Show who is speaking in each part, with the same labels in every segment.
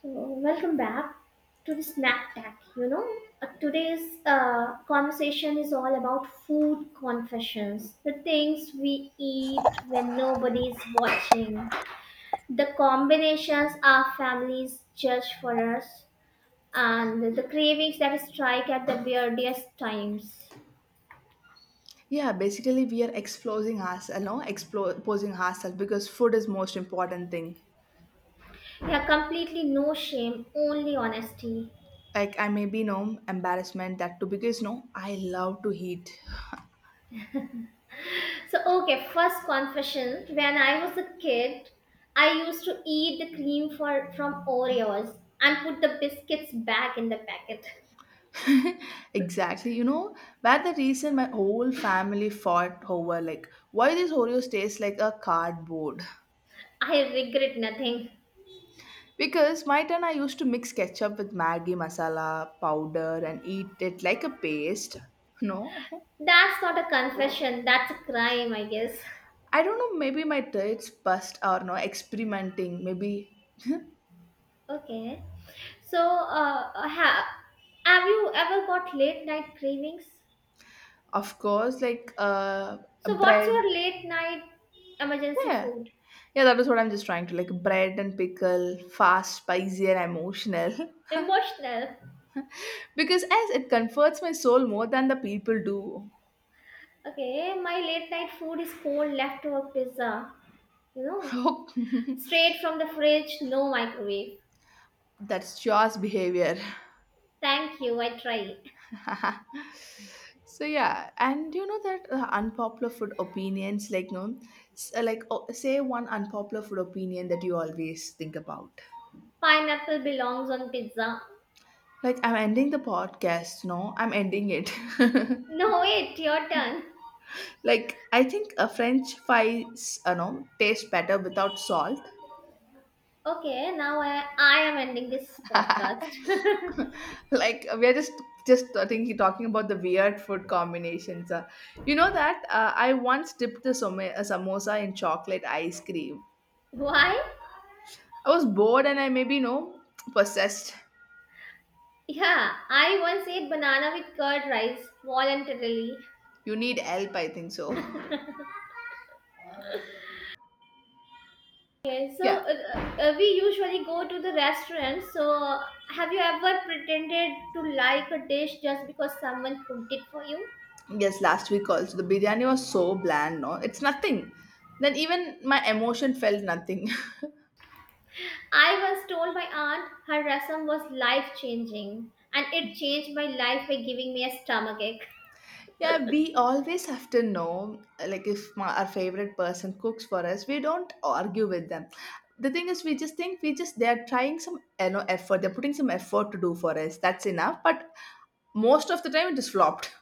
Speaker 1: So, welcome back to the Snack Tack. Today's conversation is all about food confessions, the things we eat when nobody's watching, the combinations our families judge for us, and the cravings that strike at the weirdest times.
Speaker 2: Yeah, basically we are exposing ourselves. No, exposing ourselves because food is most important thing.
Speaker 1: Yeah, completely no shame, only honesty.
Speaker 2: Like I may be no embarrassment that too because no, I love to eat.
Speaker 1: So, okay, first confession. When I was a kid, I used to eat the cream from Oreos and put the biscuits back in the packet.
Speaker 2: Exactly, you know, where the reason my whole family fought over like why this Oreos tastes like a cardboard.
Speaker 1: I regret nothing.
Speaker 2: Because my turn I used to mix ketchup with Maggi masala powder and eat it like a paste. No.
Speaker 1: That's not a confession, that's a crime, I guess.
Speaker 2: I don't know, maybe my traits bust or no experimenting, maybe.
Speaker 1: Okay. So, have you ever got late night cravings?
Speaker 2: Of course, like
Speaker 1: So, what's your
Speaker 2: bread.
Speaker 1: late night emergency
Speaker 2: Yeah.
Speaker 1: food?
Speaker 2: Yeah, that is what I'm just trying to, like bread and pickle, fast, spicy, and emotional.
Speaker 1: Emotional.
Speaker 2: Because as it comforts my soul more than the people do.
Speaker 1: Okay, my late night food is cold leftover pizza. You know, straight from the fridge, no microwave.
Speaker 2: That's Jaws behavior.
Speaker 1: Thank you, I try.
Speaker 2: So yeah, and you know that unpopular food opinions, like no, like, oh, say one unpopular food opinion that you always think about.
Speaker 1: Pineapple belongs on pizza.
Speaker 2: Like I'm ending the podcast. No, I'm ending it.
Speaker 1: No, wait, your turn.
Speaker 2: Like I think a French fries, you know, taste better without salt.
Speaker 1: Okay, now I am ending this podcast.
Speaker 2: Like we are just I think you're talking about the weird food combinations. You know that I once dipped a, a samosa in chocolate ice cream.
Speaker 1: Why?
Speaker 2: I was bored and I maybe, you know, possessed.
Speaker 1: Yeah, I once ate banana with curd rice voluntarily.
Speaker 2: You need help, I think so.
Speaker 1: Okay,
Speaker 2: Yeah.
Speaker 1: so we usually go to the restaurant. So, have you ever pretended to like a dish just because someone cooked it for you?
Speaker 2: Yes, last week also the biryani was so bland. No, it's nothing. Then even my emotion felt nothing.
Speaker 1: I once told my aunt her rasam was life changing, and it changed my life by giving me a stomachache.
Speaker 2: Yeah, we always have to know, like, if my, our favorite person cooks for us, we don't argue with them. The thing is, we just think we just they're trying some, you know, effort. They're putting some effort to do for us. That's enough. But most of the time, it is flopped.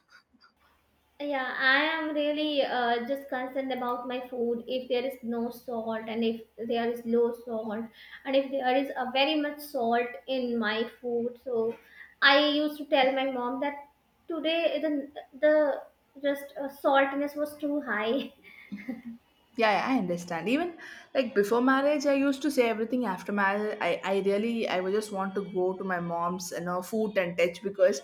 Speaker 1: Yeah, I am really just concerned about my food. If there is no salt, and if there is low salt, and if there is a very much salt in my food, so I used to tell my mom that today the just saltiness was too high.
Speaker 2: Yeah, yeah, I understand. Even like before marriage, I used to say everything after marriage. I really, I would just want to go to my mom's, you know, food and touch because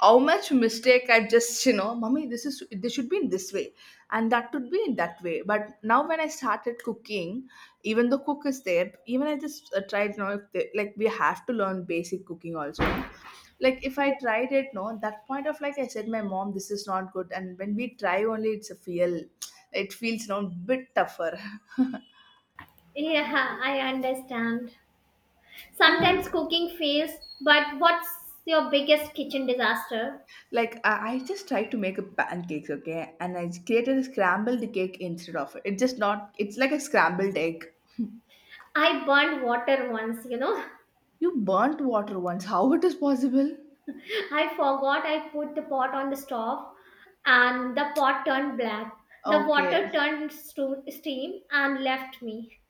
Speaker 2: how much mistake I just, you know, mommy, this is, this should be in this way and that should be in that way. But now when I started cooking, even the cook is there, even I just tried, you know, if they, like we have to learn basic cooking also, no? Like if I tried it, no, that point of like I said my mom this is not good, and when we try only it's a feel. It feels no bit tougher.
Speaker 1: Yeah, I understand.
Speaker 2: And
Speaker 1: Sometimes cooking fails, but what's your biggest kitchen disaster?
Speaker 2: like I just tried to make a pancakes, okay, and I created a scrambled cake instead of it. It's just not. It's like a scrambled egg.
Speaker 1: I burned water once, you know.
Speaker 2: You burnt water once. How it is possible?
Speaker 1: I forgot I put the pot on the stove and the pot turned black. The
Speaker 2: Okay,
Speaker 1: water turned steam and left me.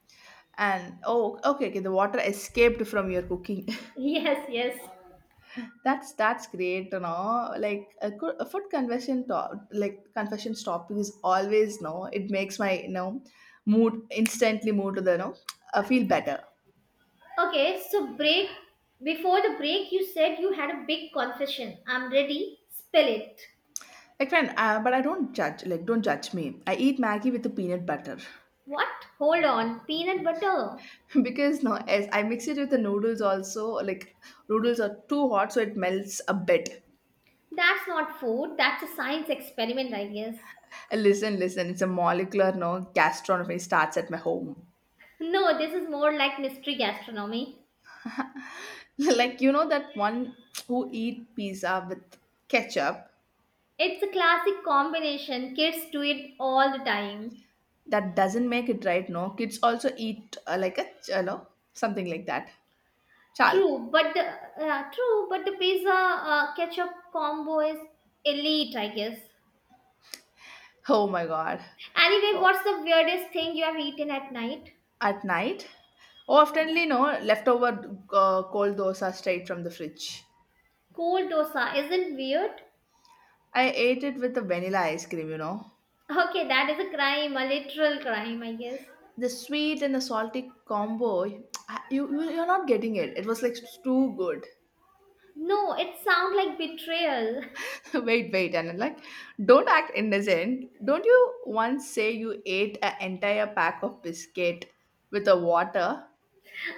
Speaker 2: and oh, okay, okay. The water escaped from your cooking.
Speaker 1: Yes, yes.
Speaker 2: That's great, you know. Like a, good, a food confession top, like confessions topic is always no. It makes my, you know, mood instantly, mood to the, you know, I feel better.
Speaker 1: Okay, so break. Before the break, you said you had a big confession. I'm ready. Spill it.
Speaker 2: Like friend, but I don't judge. Like don't judge me. I eat Maggie with the peanut butter.
Speaker 1: What? Hold on. Peanut butter.
Speaker 2: Because no, as I mix it with the noodles also. Like noodles are too hot, so it melts a bit.
Speaker 1: That's not food. That's a science experiment, I guess.
Speaker 2: And listen, listen, it's a molecular no gastronomy starts at my home.
Speaker 1: No, this is more like mystery gastronomy.
Speaker 2: Like you know that one who eat pizza with ketchup.
Speaker 1: It's a classic combination. Kids do it all the time.
Speaker 2: That doesn't make it right. No, kids also eat like a you know, something like that, chalk.
Speaker 1: True, but the pizza ketchup combo is elite, I guess.
Speaker 2: Oh my god.
Speaker 1: Anyway,
Speaker 2: Oh,
Speaker 1: what's the weirdest thing you have eaten at night?
Speaker 2: at night,
Speaker 1: Yeah.
Speaker 2: oftenly no leftover, cold dosa straight from the fridge.
Speaker 1: Cold dosa isn't weird.
Speaker 2: I ate it with the vanilla ice cream, you know,
Speaker 1: Okay, that is a crime, a literal crime, I guess.
Speaker 2: the sweet and the salty combo. You're not getting it. It was like too good.
Speaker 1: No, it sounds like betrayal.
Speaker 2: Wait, wait, and I'm like, don't act innocent. Don't you once say you ate an entire pack of biscuit with a water?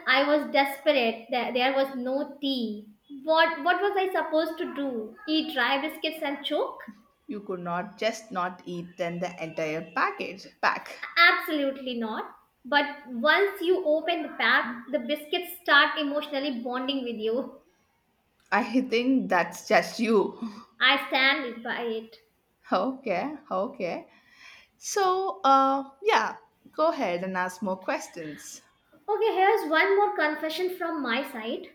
Speaker 1: I was desperate. There was no tea. What was I supposed to do? Eat dry biscuits and choke?
Speaker 2: You could not just not eat then the entire pack.
Speaker 1: Absolutely not. But once you open the pack, the biscuits start emotionally bonding with you.
Speaker 2: I think that's just you.
Speaker 1: I stand by it.
Speaker 2: Okay, okay. So, yeah, go ahead and ask more questions.
Speaker 1: Okay, here's one more confession from my side.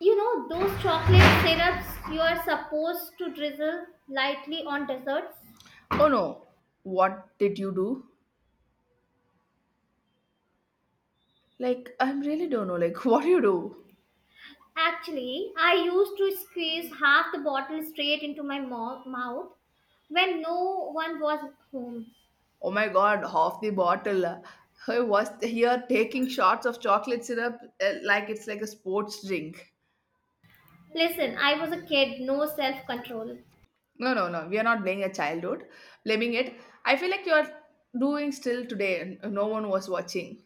Speaker 1: You know those chocolate syrups you are supposed to drizzle lightly on desserts?
Speaker 2: Oh no, what did you do? Like, I really don't know. Like, what do you do?
Speaker 1: Actually, I used to squeeze half the bottle straight into my mouth when no one was home.
Speaker 2: Oh my god, half the bottle. I was here taking shots of chocolate syrup like it's like a sports drink.
Speaker 1: Listen, I was a kid, no self control.
Speaker 2: No, no, no. We are not blaming a childhood, blaming it. I feel like you're doing still today, and no one was watching.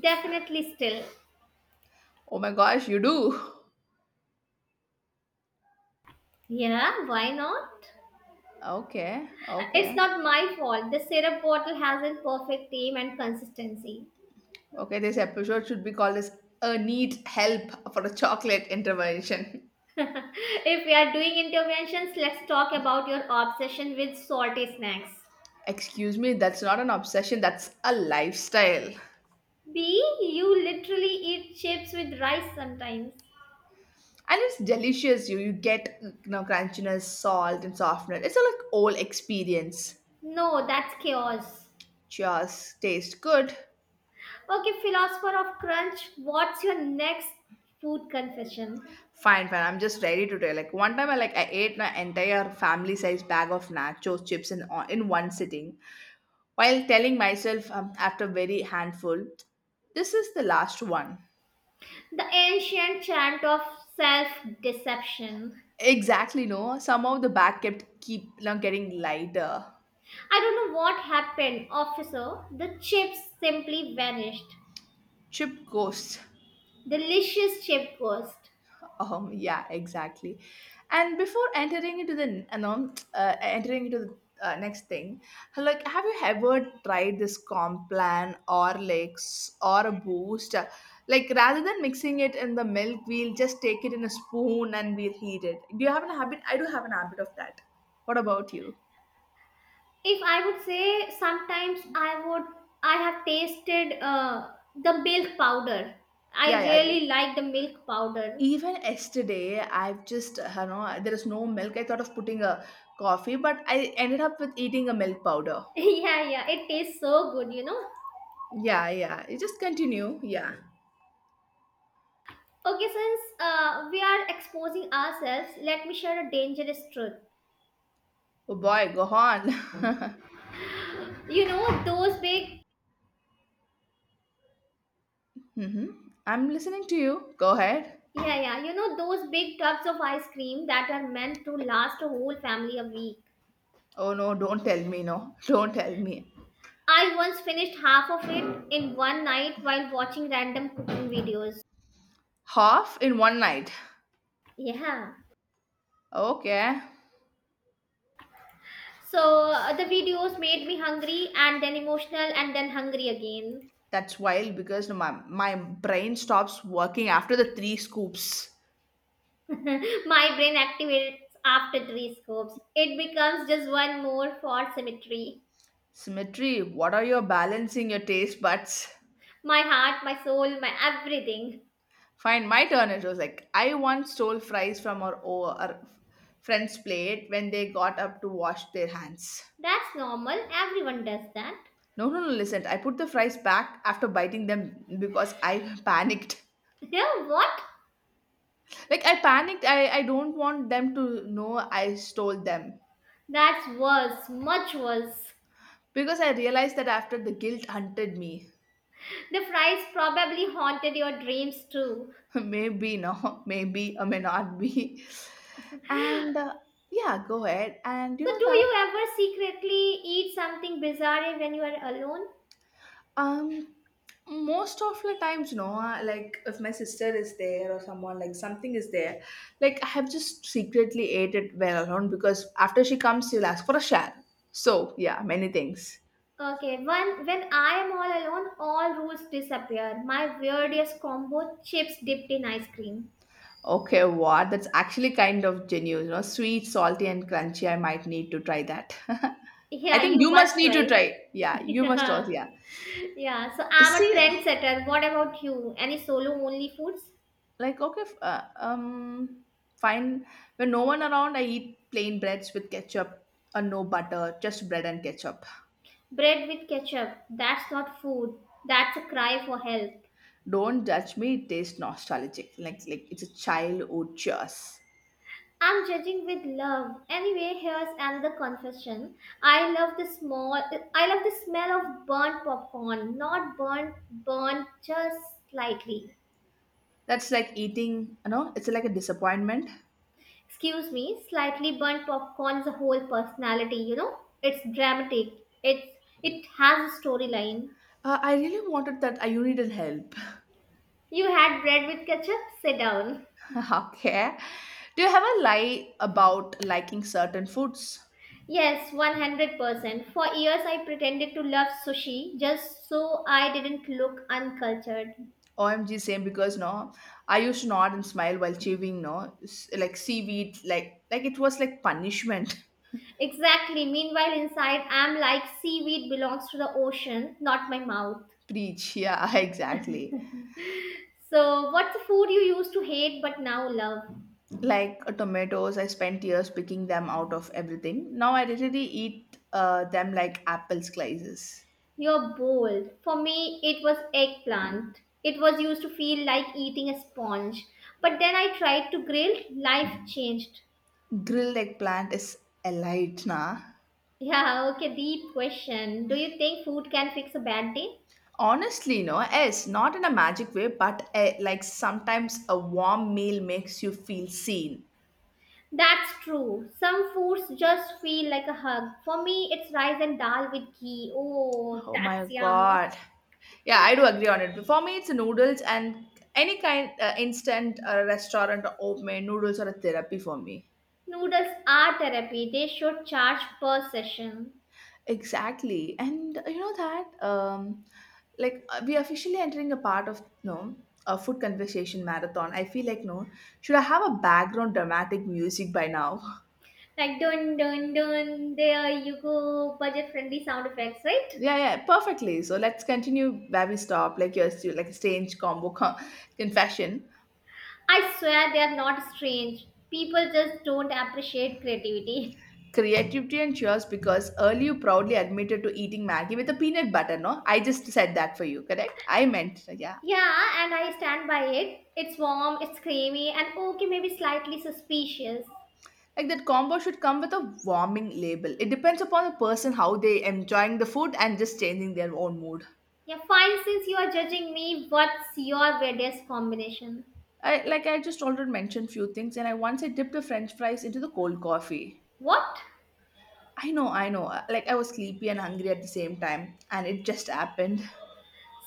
Speaker 1: Definitely still.
Speaker 2: Oh my gosh, you do.
Speaker 1: Yeah, why not?
Speaker 2: Okay,
Speaker 1: It's
Speaker 2: okay,
Speaker 1: not my fault. The syrup bottle hasn't perfect aim and consistency.
Speaker 2: okay. This episode should be called as a need help for a chocolate intervention.
Speaker 1: If we are doing interventions, let's talk about your obsession with salty snacks.
Speaker 2: Excuse me, that's not an obsession. That's a lifestyle. And
Speaker 1: B, you literally eat chips with rice sometimes.
Speaker 2: it's delicious. You get, you know, crunchiness, salt, and softness. It's a like old experience.
Speaker 1: No, that's chaos.
Speaker 2: Cheers. Taste good.
Speaker 1: Okay, philosopher of crunch, what's your next food confession?
Speaker 2: Fine, fine. I'm just ready to tell. Like one time, I ate my entire family-sized bag of nachos chips in one sitting, while telling myself after very handful, this is the last one.
Speaker 1: The ancient chant of self deception.
Speaker 2: Exactly, no. Somehow the bag kept keep you getting lighter.
Speaker 1: I don't know what happened, officer. The chips simply vanished.
Speaker 2: Chip ghosts.
Speaker 1: Delicious chip ghost.
Speaker 2: Yeah, exactly. And before entering into the no, entering into the next thing, like, have you ever tried this comp plan or lakes or a boost? Like, rather than mixing it in the milk, we'll just take it in a spoon and we'll heat it. Do you have an habit? I do have an habit of that. What about you?
Speaker 1: If I would say, sometimes I would, I have tasted the milk powder. I
Speaker 2: Yeah, yeah.
Speaker 1: really like the milk powder.
Speaker 2: Even yesterday, I've just, you know, there is no milk. I thought of putting a coffee, but I ended up with eating a milk powder.
Speaker 1: Yeah, yeah, it tastes so good, you know.
Speaker 2: Yeah, yeah. You just continue. Yeah.
Speaker 1: Okay, since we are exposing ourselves, let me share a dangerous truth.
Speaker 2: Oh boy, go on.
Speaker 1: You know those big,
Speaker 2: Hmm, I'm listening to you. Go ahead.
Speaker 1: yeah, yeah. You know those big tubs of ice cream that are meant to last a whole family a week.
Speaker 2: Oh no, don't tell me. No, don't tell me.
Speaker 1: I once finished half of it in one night while watching random cooking videos.
Speaker 2: Half in one night.
Speaker 1: Yeah.
Speaker 2: Okay.
Speaker 1: So the videos made me hungry and then emotional and then hungry again.
Speaker 2: That's wild because my brain stops working after the three scoops.
Speaker 1: My brain activates after three scopes. It becomes just one more for symmetry.
Speaker 2: Symmetry, what are you balancing your taste buds?
Speaker 1: My heart, my soul, my everything.
Speaker 2: Fine, my turn. It was like, I once stole fries from our friend's plate when they got up to wash their hands.
Speaker 1: That's normal. Everyone does that.
Speaker 2: No, no, no, listen. I put the fries back after biting them because I panicked.
Speaker 1: Yeah, what?
Speaker 2: Like, I panicked. I don't want them to know I stole them.
Speaker 1: That's worse, much worse.
Speaker 2: Because I realized that after the guilt hunted me.
Speaker 1: The fries probably haunted your dreams too.
Speaker 2: Maybe, no. Maybe, or may not be. And yeah, go ahead. And you
Speaker 1: So,
Speaker 2: know
Speaker 1: do
Speaker 2: that?
Speaker 1: you ever secretly eat something bizarre when you are alone?
Speaker 2: Um, Most of the times, you know, like if my sister is there or someone like something is there, like I have just secretly ate it well alone because after she comes, she'll ask for a share. So yeah, many things.
Speaker 1: Okay, when I am all alone, all rules disappear. My weirdest combo: chips dipped in ice cream.
Speaker 2: Okay, what? That's actually kind of genuine, you know, sweet, salty, and crunchy. I might need to try that. I
Speaker 1: Yeah,
Speaker 2: think
Speaker 1: you
Speaker 2: you
Speaker 1: must
Speaker 2: must need to
Speaker 1: try.
Speaker 2: try. Yeah, you must
Speaker 1: Yeah,
Speaker 2: also. Yeah.
Speaker 1: yeah. So I'm a
Speaker 2: See.
Speaker 1: trendsetter. What about you? Any solo only foods?
Speaker 2: Like okay, fine, when no one around I eat plain breads with ketchup, or no butter, just bread and ketchup.
Speaker 1: Bread with ketchup. That's not food. That's a cry for help.
Speaker 2: Don't judge me, it tastes nostalgic, like it's a childhood cheers.
Speaker 1: I'm judging with love. Anyway, here's another confession. I love the small I love the smell of burnt popcorn. Not burnt burnt, just slightly.
Speaker 2: That's like eating, you know, it's like a disappointment.
Speaker 1: Excuse me, slightly burnt popcorn's a whole personality, you know? It's dramatic. It's it has a storyline.
Speaker 2: I really wanted that. I You needed help.
Speaker 1: You had bread with ketchup? Sit down.
Speaker 2: Okay, do you have a lie about liking certain foods?
Speaker 1: Yes, 100%. For years, I pretended to love sushi just so I didn't look uncultured.
Speaker 2: OMG, same, because no, I used to nod and smile while chewing, no, like seaweed, like it was like punishment.
Speaker 1: Exactly. Meanwhile, inside, I'm like seaweed belongs to the ocean, not my mouth.
Speaker 2: Preach, yeah, exactly.
Speaker 1: So, what's the food you used to hate but now love?
Speaker 2: Like tomatoes, I spent years picking them out of everything. Now I literally eat them like apple slices.
Speaker 1: You're bold. For me, it was eggplant. It was used to feel like eating a sponge. But then I tried to grill, life changed.
Speaker 2: Grilled eggplant is a light, nah.
Speaker 1: Yeah, okay, deep question. Do you think food can fix a bad day?
Speaker 2: Honestly, no, yes, not in a magic way, but like sometimes a warm meal makes you feel seen.
Speaker 1: That's true. Some foods just feel like a hug. For me, it's rice and dal with ghee. Oh,
Speaker 2: Oh my
Speaker 1: that's yum.
Speaker 2: god. Yeah, I do agree on it. For me, it's noodles and any kind instant restaurant or homemade noodles are a therapy for me.
Speaker 1: Noodles are therapy. They should charge per session.
Speaker 2: Exactly. And you know that like we are officially entering a part of no, a food conversation marathon. I feel like no, should I have a background dramatic music by now?
Speaker 1: Like dun dun dun, there you go. Budget friendly sound effects, right?
Speaker 2: Yeah, yeah, perfectly. So let's continue where we stop. Like your like strange combo confession.
Speaker 1: I swear they are not strange. People just don't appreciate creativity.
Speaker 2: Creativity and yours because early you proudly admitted to eating Maggie with a peanut butter, no? I just said that for you, correct? I meant, yeah.
Speaker 1: Yeah, and I stand by it. It's warm, it's creamy, and okay, maybe slightly suspicious.
Speaker 2: Like that combo should come with a warming label. It depends upon the person how they enjoying the food and just changing their own mood.
Speaker 1: Yeah, fine. Since you are judging me, what's your weirdest combination?
Speaker 2: I, like I just already mentioned few things, and I once I dipped the French fries into the cold coffee.
Speaker 1: What?
Speaker 2: I know, I know. Like I was sleepy and hungry at the same time, and it just happened.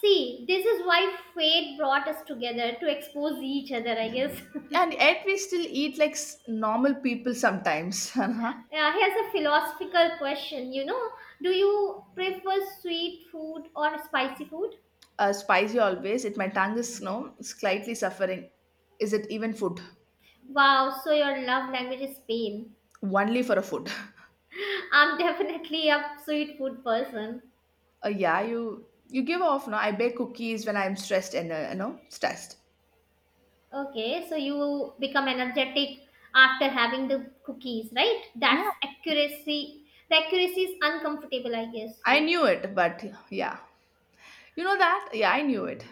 Speaker 1: See, this is why fate brought us together to expose each other, I guess.
Speaker 2: And yet we still eat like normal people sometimes. uh.
Speaker 1: Yeah, here's a philosophical question. You know, do you prefer sweet food or spicy food?
Speaker 2: Spicy always. It my tongue is no slightly suffering. Is it even food?
Speaker 1: Wow, so your love language is pain.
Speaker 2: Only for a food.
Speaker 1: I'm definitely a sweet food person.
Speaker 2: Uh, yeah, you give off. No, I bake cookies when I'm stressed and you know stressed.
Speaker 1: Okay, so you become energetic after having the cookies, right?
Speaker 2: Yeah,
Speaker 1: That's accuracy. The accuracy is uncomfortable, I guess.
Speaker 2: I knew it, but yeah, you know that. Yeah, I knew it.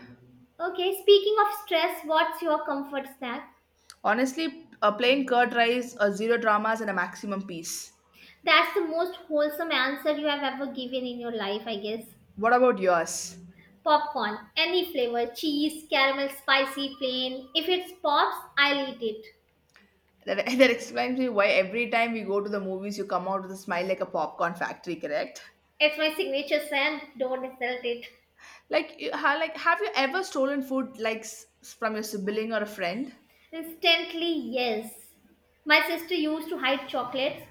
Speaker 1: Okay, speaking of stress, what's your comfort snack?
Speaker 2: Honestly, a plain curd rice, a zero dramas, and a maximum peace.
Speaker 1: That's the most wholesome answer you have ever given in your life, I guess.
Speaker 2: What about yours?
Speaker 1: Popcorn, any flavor, cheese, caramel, spicy, plain. If it pops, I'll eat it.
Speaker 2: That, that explains me why every time we go to the movies, you come out with a smile like a popcorn factory, correct?
Speaker 1: It's my signature scent, don't insult it.
Speaker 2: Have you ever stolen food from your sibling or a friend?
Speaker 1: Instantly, yes. My sister used to hide chocolates.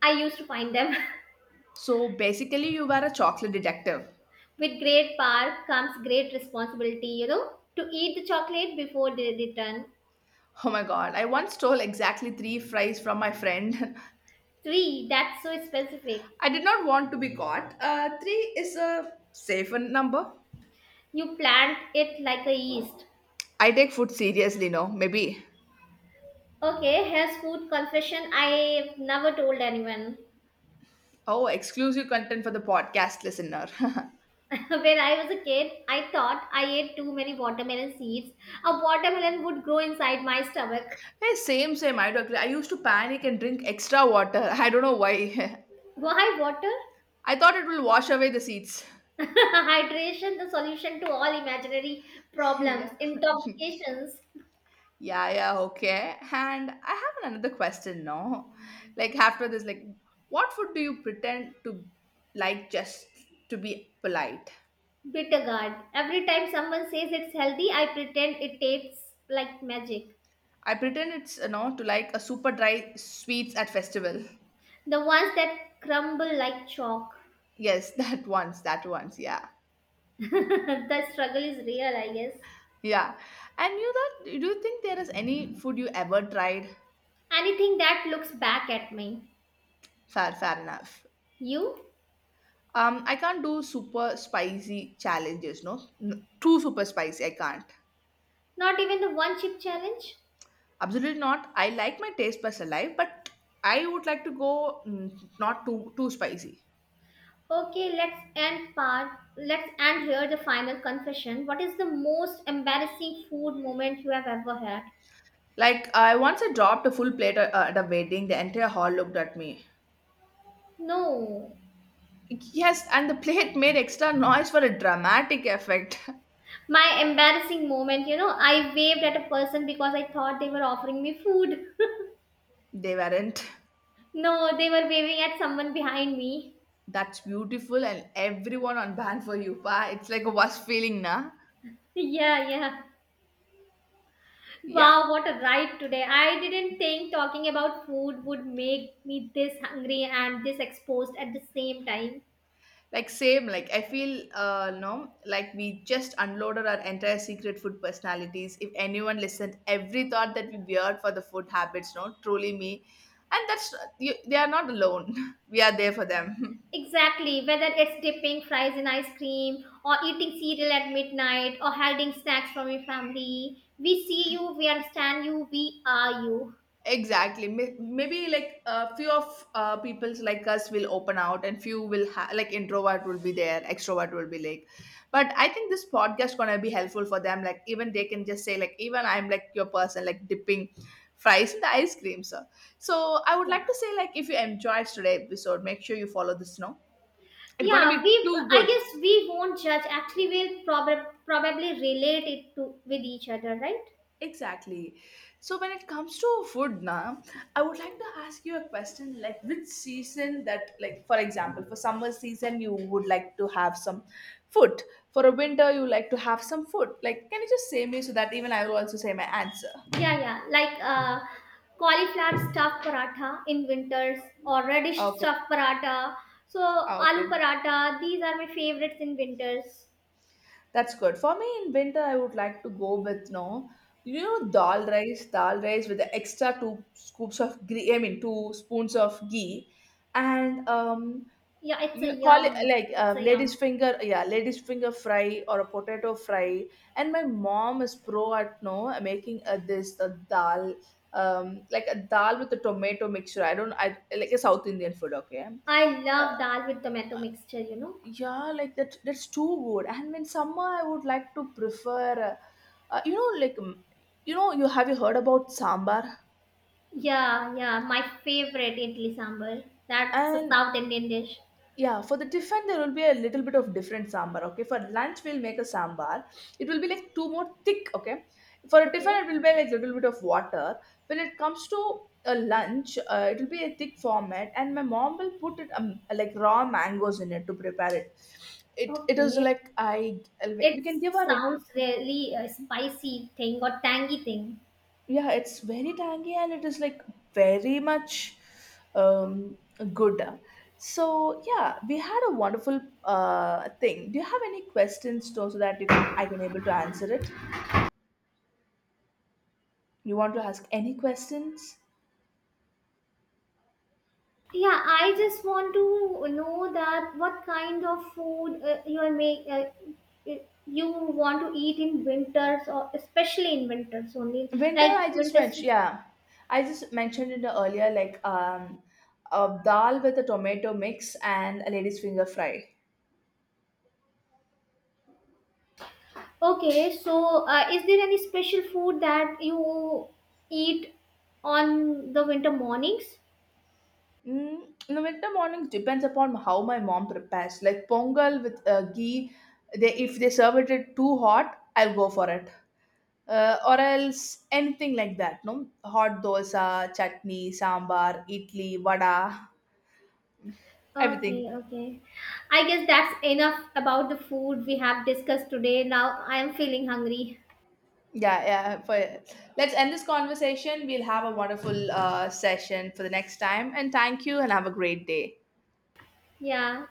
Speaker 1: I used to find them.
Speaker 2: So basically, you were a chocolate detective.
Speaker 1: With great power comes great responsibility, you know, to eat the chocolate before they return.
Speaker 2: Oh my god! I once stole exactly three fries from my friend.
Speaker 1: Three, that's so specific.
Speaker 2: I did not want to be caught. Three is a safer number.
Speaker 1: You plant it like a yeast.
Speaker 2: I take food seriously, no? Maybe.
Speaker 1: Okay, here's food confession I've never told anyone.
Speaker 2: Oh, exclusive content for the podcast listener. Hey,
Speaker 1: When I was a kid, I thought I ate too many watermelon seeds. A watermelon would grow inside my stomach.
Speaker 2: same. I do agree. I used to panic and drink extra water. I don't know why.
Speaker 1: Why water?
Speaker 2: I thought it will wash away the seeds.
Speaker 1: Hydration, the solution to all imaginary problems,
Speaker 2: Yeah.
Speaker 1: intoxications.
Speaker 2: Yeah, yeah, okay. And I have another question now. Like after this, like What food do you pretend to like just to be polite?
Speaker 1: Bittergourd. Every time someone says it's healthy, I pretend it tastes like magic.
Speaker 2: I pretend it's to like a super dry sweets at festival.
Speaker 1: The ones that crumble like chalk.
Speaker 2: Yes, that once, yeah.
Speaker 1: The struggle is real, I guess.
Speaker 2: Yeah. And you that do you think there is any food you ever tried?
Speaker 1: Anything that looks back at me.
Speaker 2: Fair enough.
Speaker 1: You?
Speaker 2: I can't do super spicy challenges, no? Too super spicy, I can't.
Speaker 1: Not even the one chip challenge?
Speaker 2: Absolutely not. I like my taste buds alive, but I would like to go not too spicy.
Speaker 1: Okay, let's end part. Let's end here the final confession. What is the most embarrassing food moment you have ever had?
Speaker 2: I dropped a full plate at a wedding. The entire hall looked at me.
Speaker 1: No.
Speaker 2: Yes, and the plate made extra noise for a dramatic effect.
Speaker 1: My embarrassing moment, you know, I waved at a person because I thought they were offering me food.
Speaker 2: They weren't.
Speaker 1: No, they were waving at someone behind me.
Speaker 2: That's beautiful, and everyone on band for you. Pa. It's like a worst feeling, na?
Speaker 1: Yeah, yeah.
Speaker 2: Yeah.
Speaker 1: Wow, what a ride today. I didn't think talking about food would make me this hungry and this exposed at the same time.
Speaker 2: Like same, like I feel no, like we just unloaded our entire secret food personalities. If anyone listened, every thought that we beard for the food habits, no, truly me. And that's you, they are not alone. We are there for them.
Speaker 1: Exactly, whether it's dipping fries in ice cream, or eating cereal at midnight, or hiding snacks from your family. We see you, we understand you, we are you.
Speaker 2: Exactly. Maybe like a few of people's like us will open out, and few will like introvert will be there, extrovert will be like. But I think this podcast gonna be helpful for them. Like even they can just say like even I'm like your person like dipping fries in the ice cream. Sir. So I would
Speaker 1: Yeah.
Speaker 2: like to say like if you enjoyed today's episode, make sure you follow this. No, it's gonna
Speaker 1: Yeah, we
Speaker 2: be too
Speaker 1: I
Speaker 2: good.
Speaker 1: guess we won't judge. Actually, we'll probably relate it to with each other, right?
Speaker 2: Exactly. So when it comes to food now, I would like to ask you a question like which season that like for example for summer season you would like to have some food. For a winter you like to have some food. Like can you just say me so that even I will also say my answer?
Speaker 1: Yeah, yeah. Like cauliflower stuffed paratha in winters, or radish
Speaker 2: Okay.
Speaker 1: stuffed paratha. So aloo
Speaker 2: Okay.
Speaker 1: paratha, these are my favorites in winters.
Speaker 2: That's good. For me in winter I would like to go with no you know dal rice with the extra two scoops of ghee I mean two spoons of ghee and
Speaker 1: Yeah, it's a
Speaker 2: you call it
Speaker 1: yum.
Speaker 2: like
Speaker 1: It's a
Speaker 2: lady's
Speaker 1: yum.
Speaker 2: finger, yeah, lady's finger fry or a potato fry, and my mom is pro at no making this dal, like a dal with a tomato mixture. I don't, I like a south indian food. Okay.
Speaker 1: I
Speaker 2: uh,
Speaker 1: love dal with tomato mixture, you know.
Speaker 2: yeah, like that, that's too good. And in summer I would like to prefer you know like you know you have you heard about sambar?
Speaker 1: Yeah, yeah. My favorite idli sambar. That's a
Speaker 2: And
Speaker 1: South Indian dish.
Speaker 2: yeah, for the tiffin there will be a little bit of different sambar. Okay, for lunch we'll make a sambar. It will be like two more thick. Okay, for a tiffin
Speaker 1: Okay.
Speaker 2: it will be like little bit of water. When it comes to a lunch, it will be a thick format, and my mom will put it like raw mangoes in it to prepare it. It is
Speaker 1: Okay.
Speaker 2: like I we
Speaker 1: It
Speaker 2: can give her
Speaker 1: sounds really a spicy thing or tangy thing.
Speaker 2: yeah it's very tangy and it is like very much um good. So yeah we had a wonderful thing. Do you have any questions though, so that you can I can able to answer it? You want to ask any questions?
Speaker 1: Yeah, I just want to know that what kind of food you are make you want to eat in winters, or especially in winters only,
Speaker 2: Winter
Speaker 1: like
Speaker 2: I just
Speaker 1: winters.
Speaker 2: mentioned, yeah, I
Speaker 1: Yeah.
Speaker 2: just mentioned it earlier like a dal with a tomato mix and a lady's finger fry.
Speaker 1: Okay, so is there any special food that you eat on the winter mornings?
Speaker 2: Mm, in the winter mornings depends upon how my mom prepares. Like pongal with ghee, they if they serve it it too hot, I'll go for it. Or else anything like that. No hot dosa, chutney, sambar, idli, vada,
Speaker 1: Okay,
Speaker 2: everything.
Speaker 1: okay. I guess that's enough about the food we have discussed today. Now I am feeling hungry.
Speaker 2: Yeah, yeah. For let's end this conversation. We'll have a wonderful session for the next time. And thank you, and have a great day.
Speaker 1: Yeah.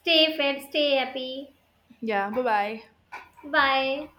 Speaker 1: Stay fed, stay happy.
Speaker 2: Yeah. Bye bye.
Speaker 1: Bye.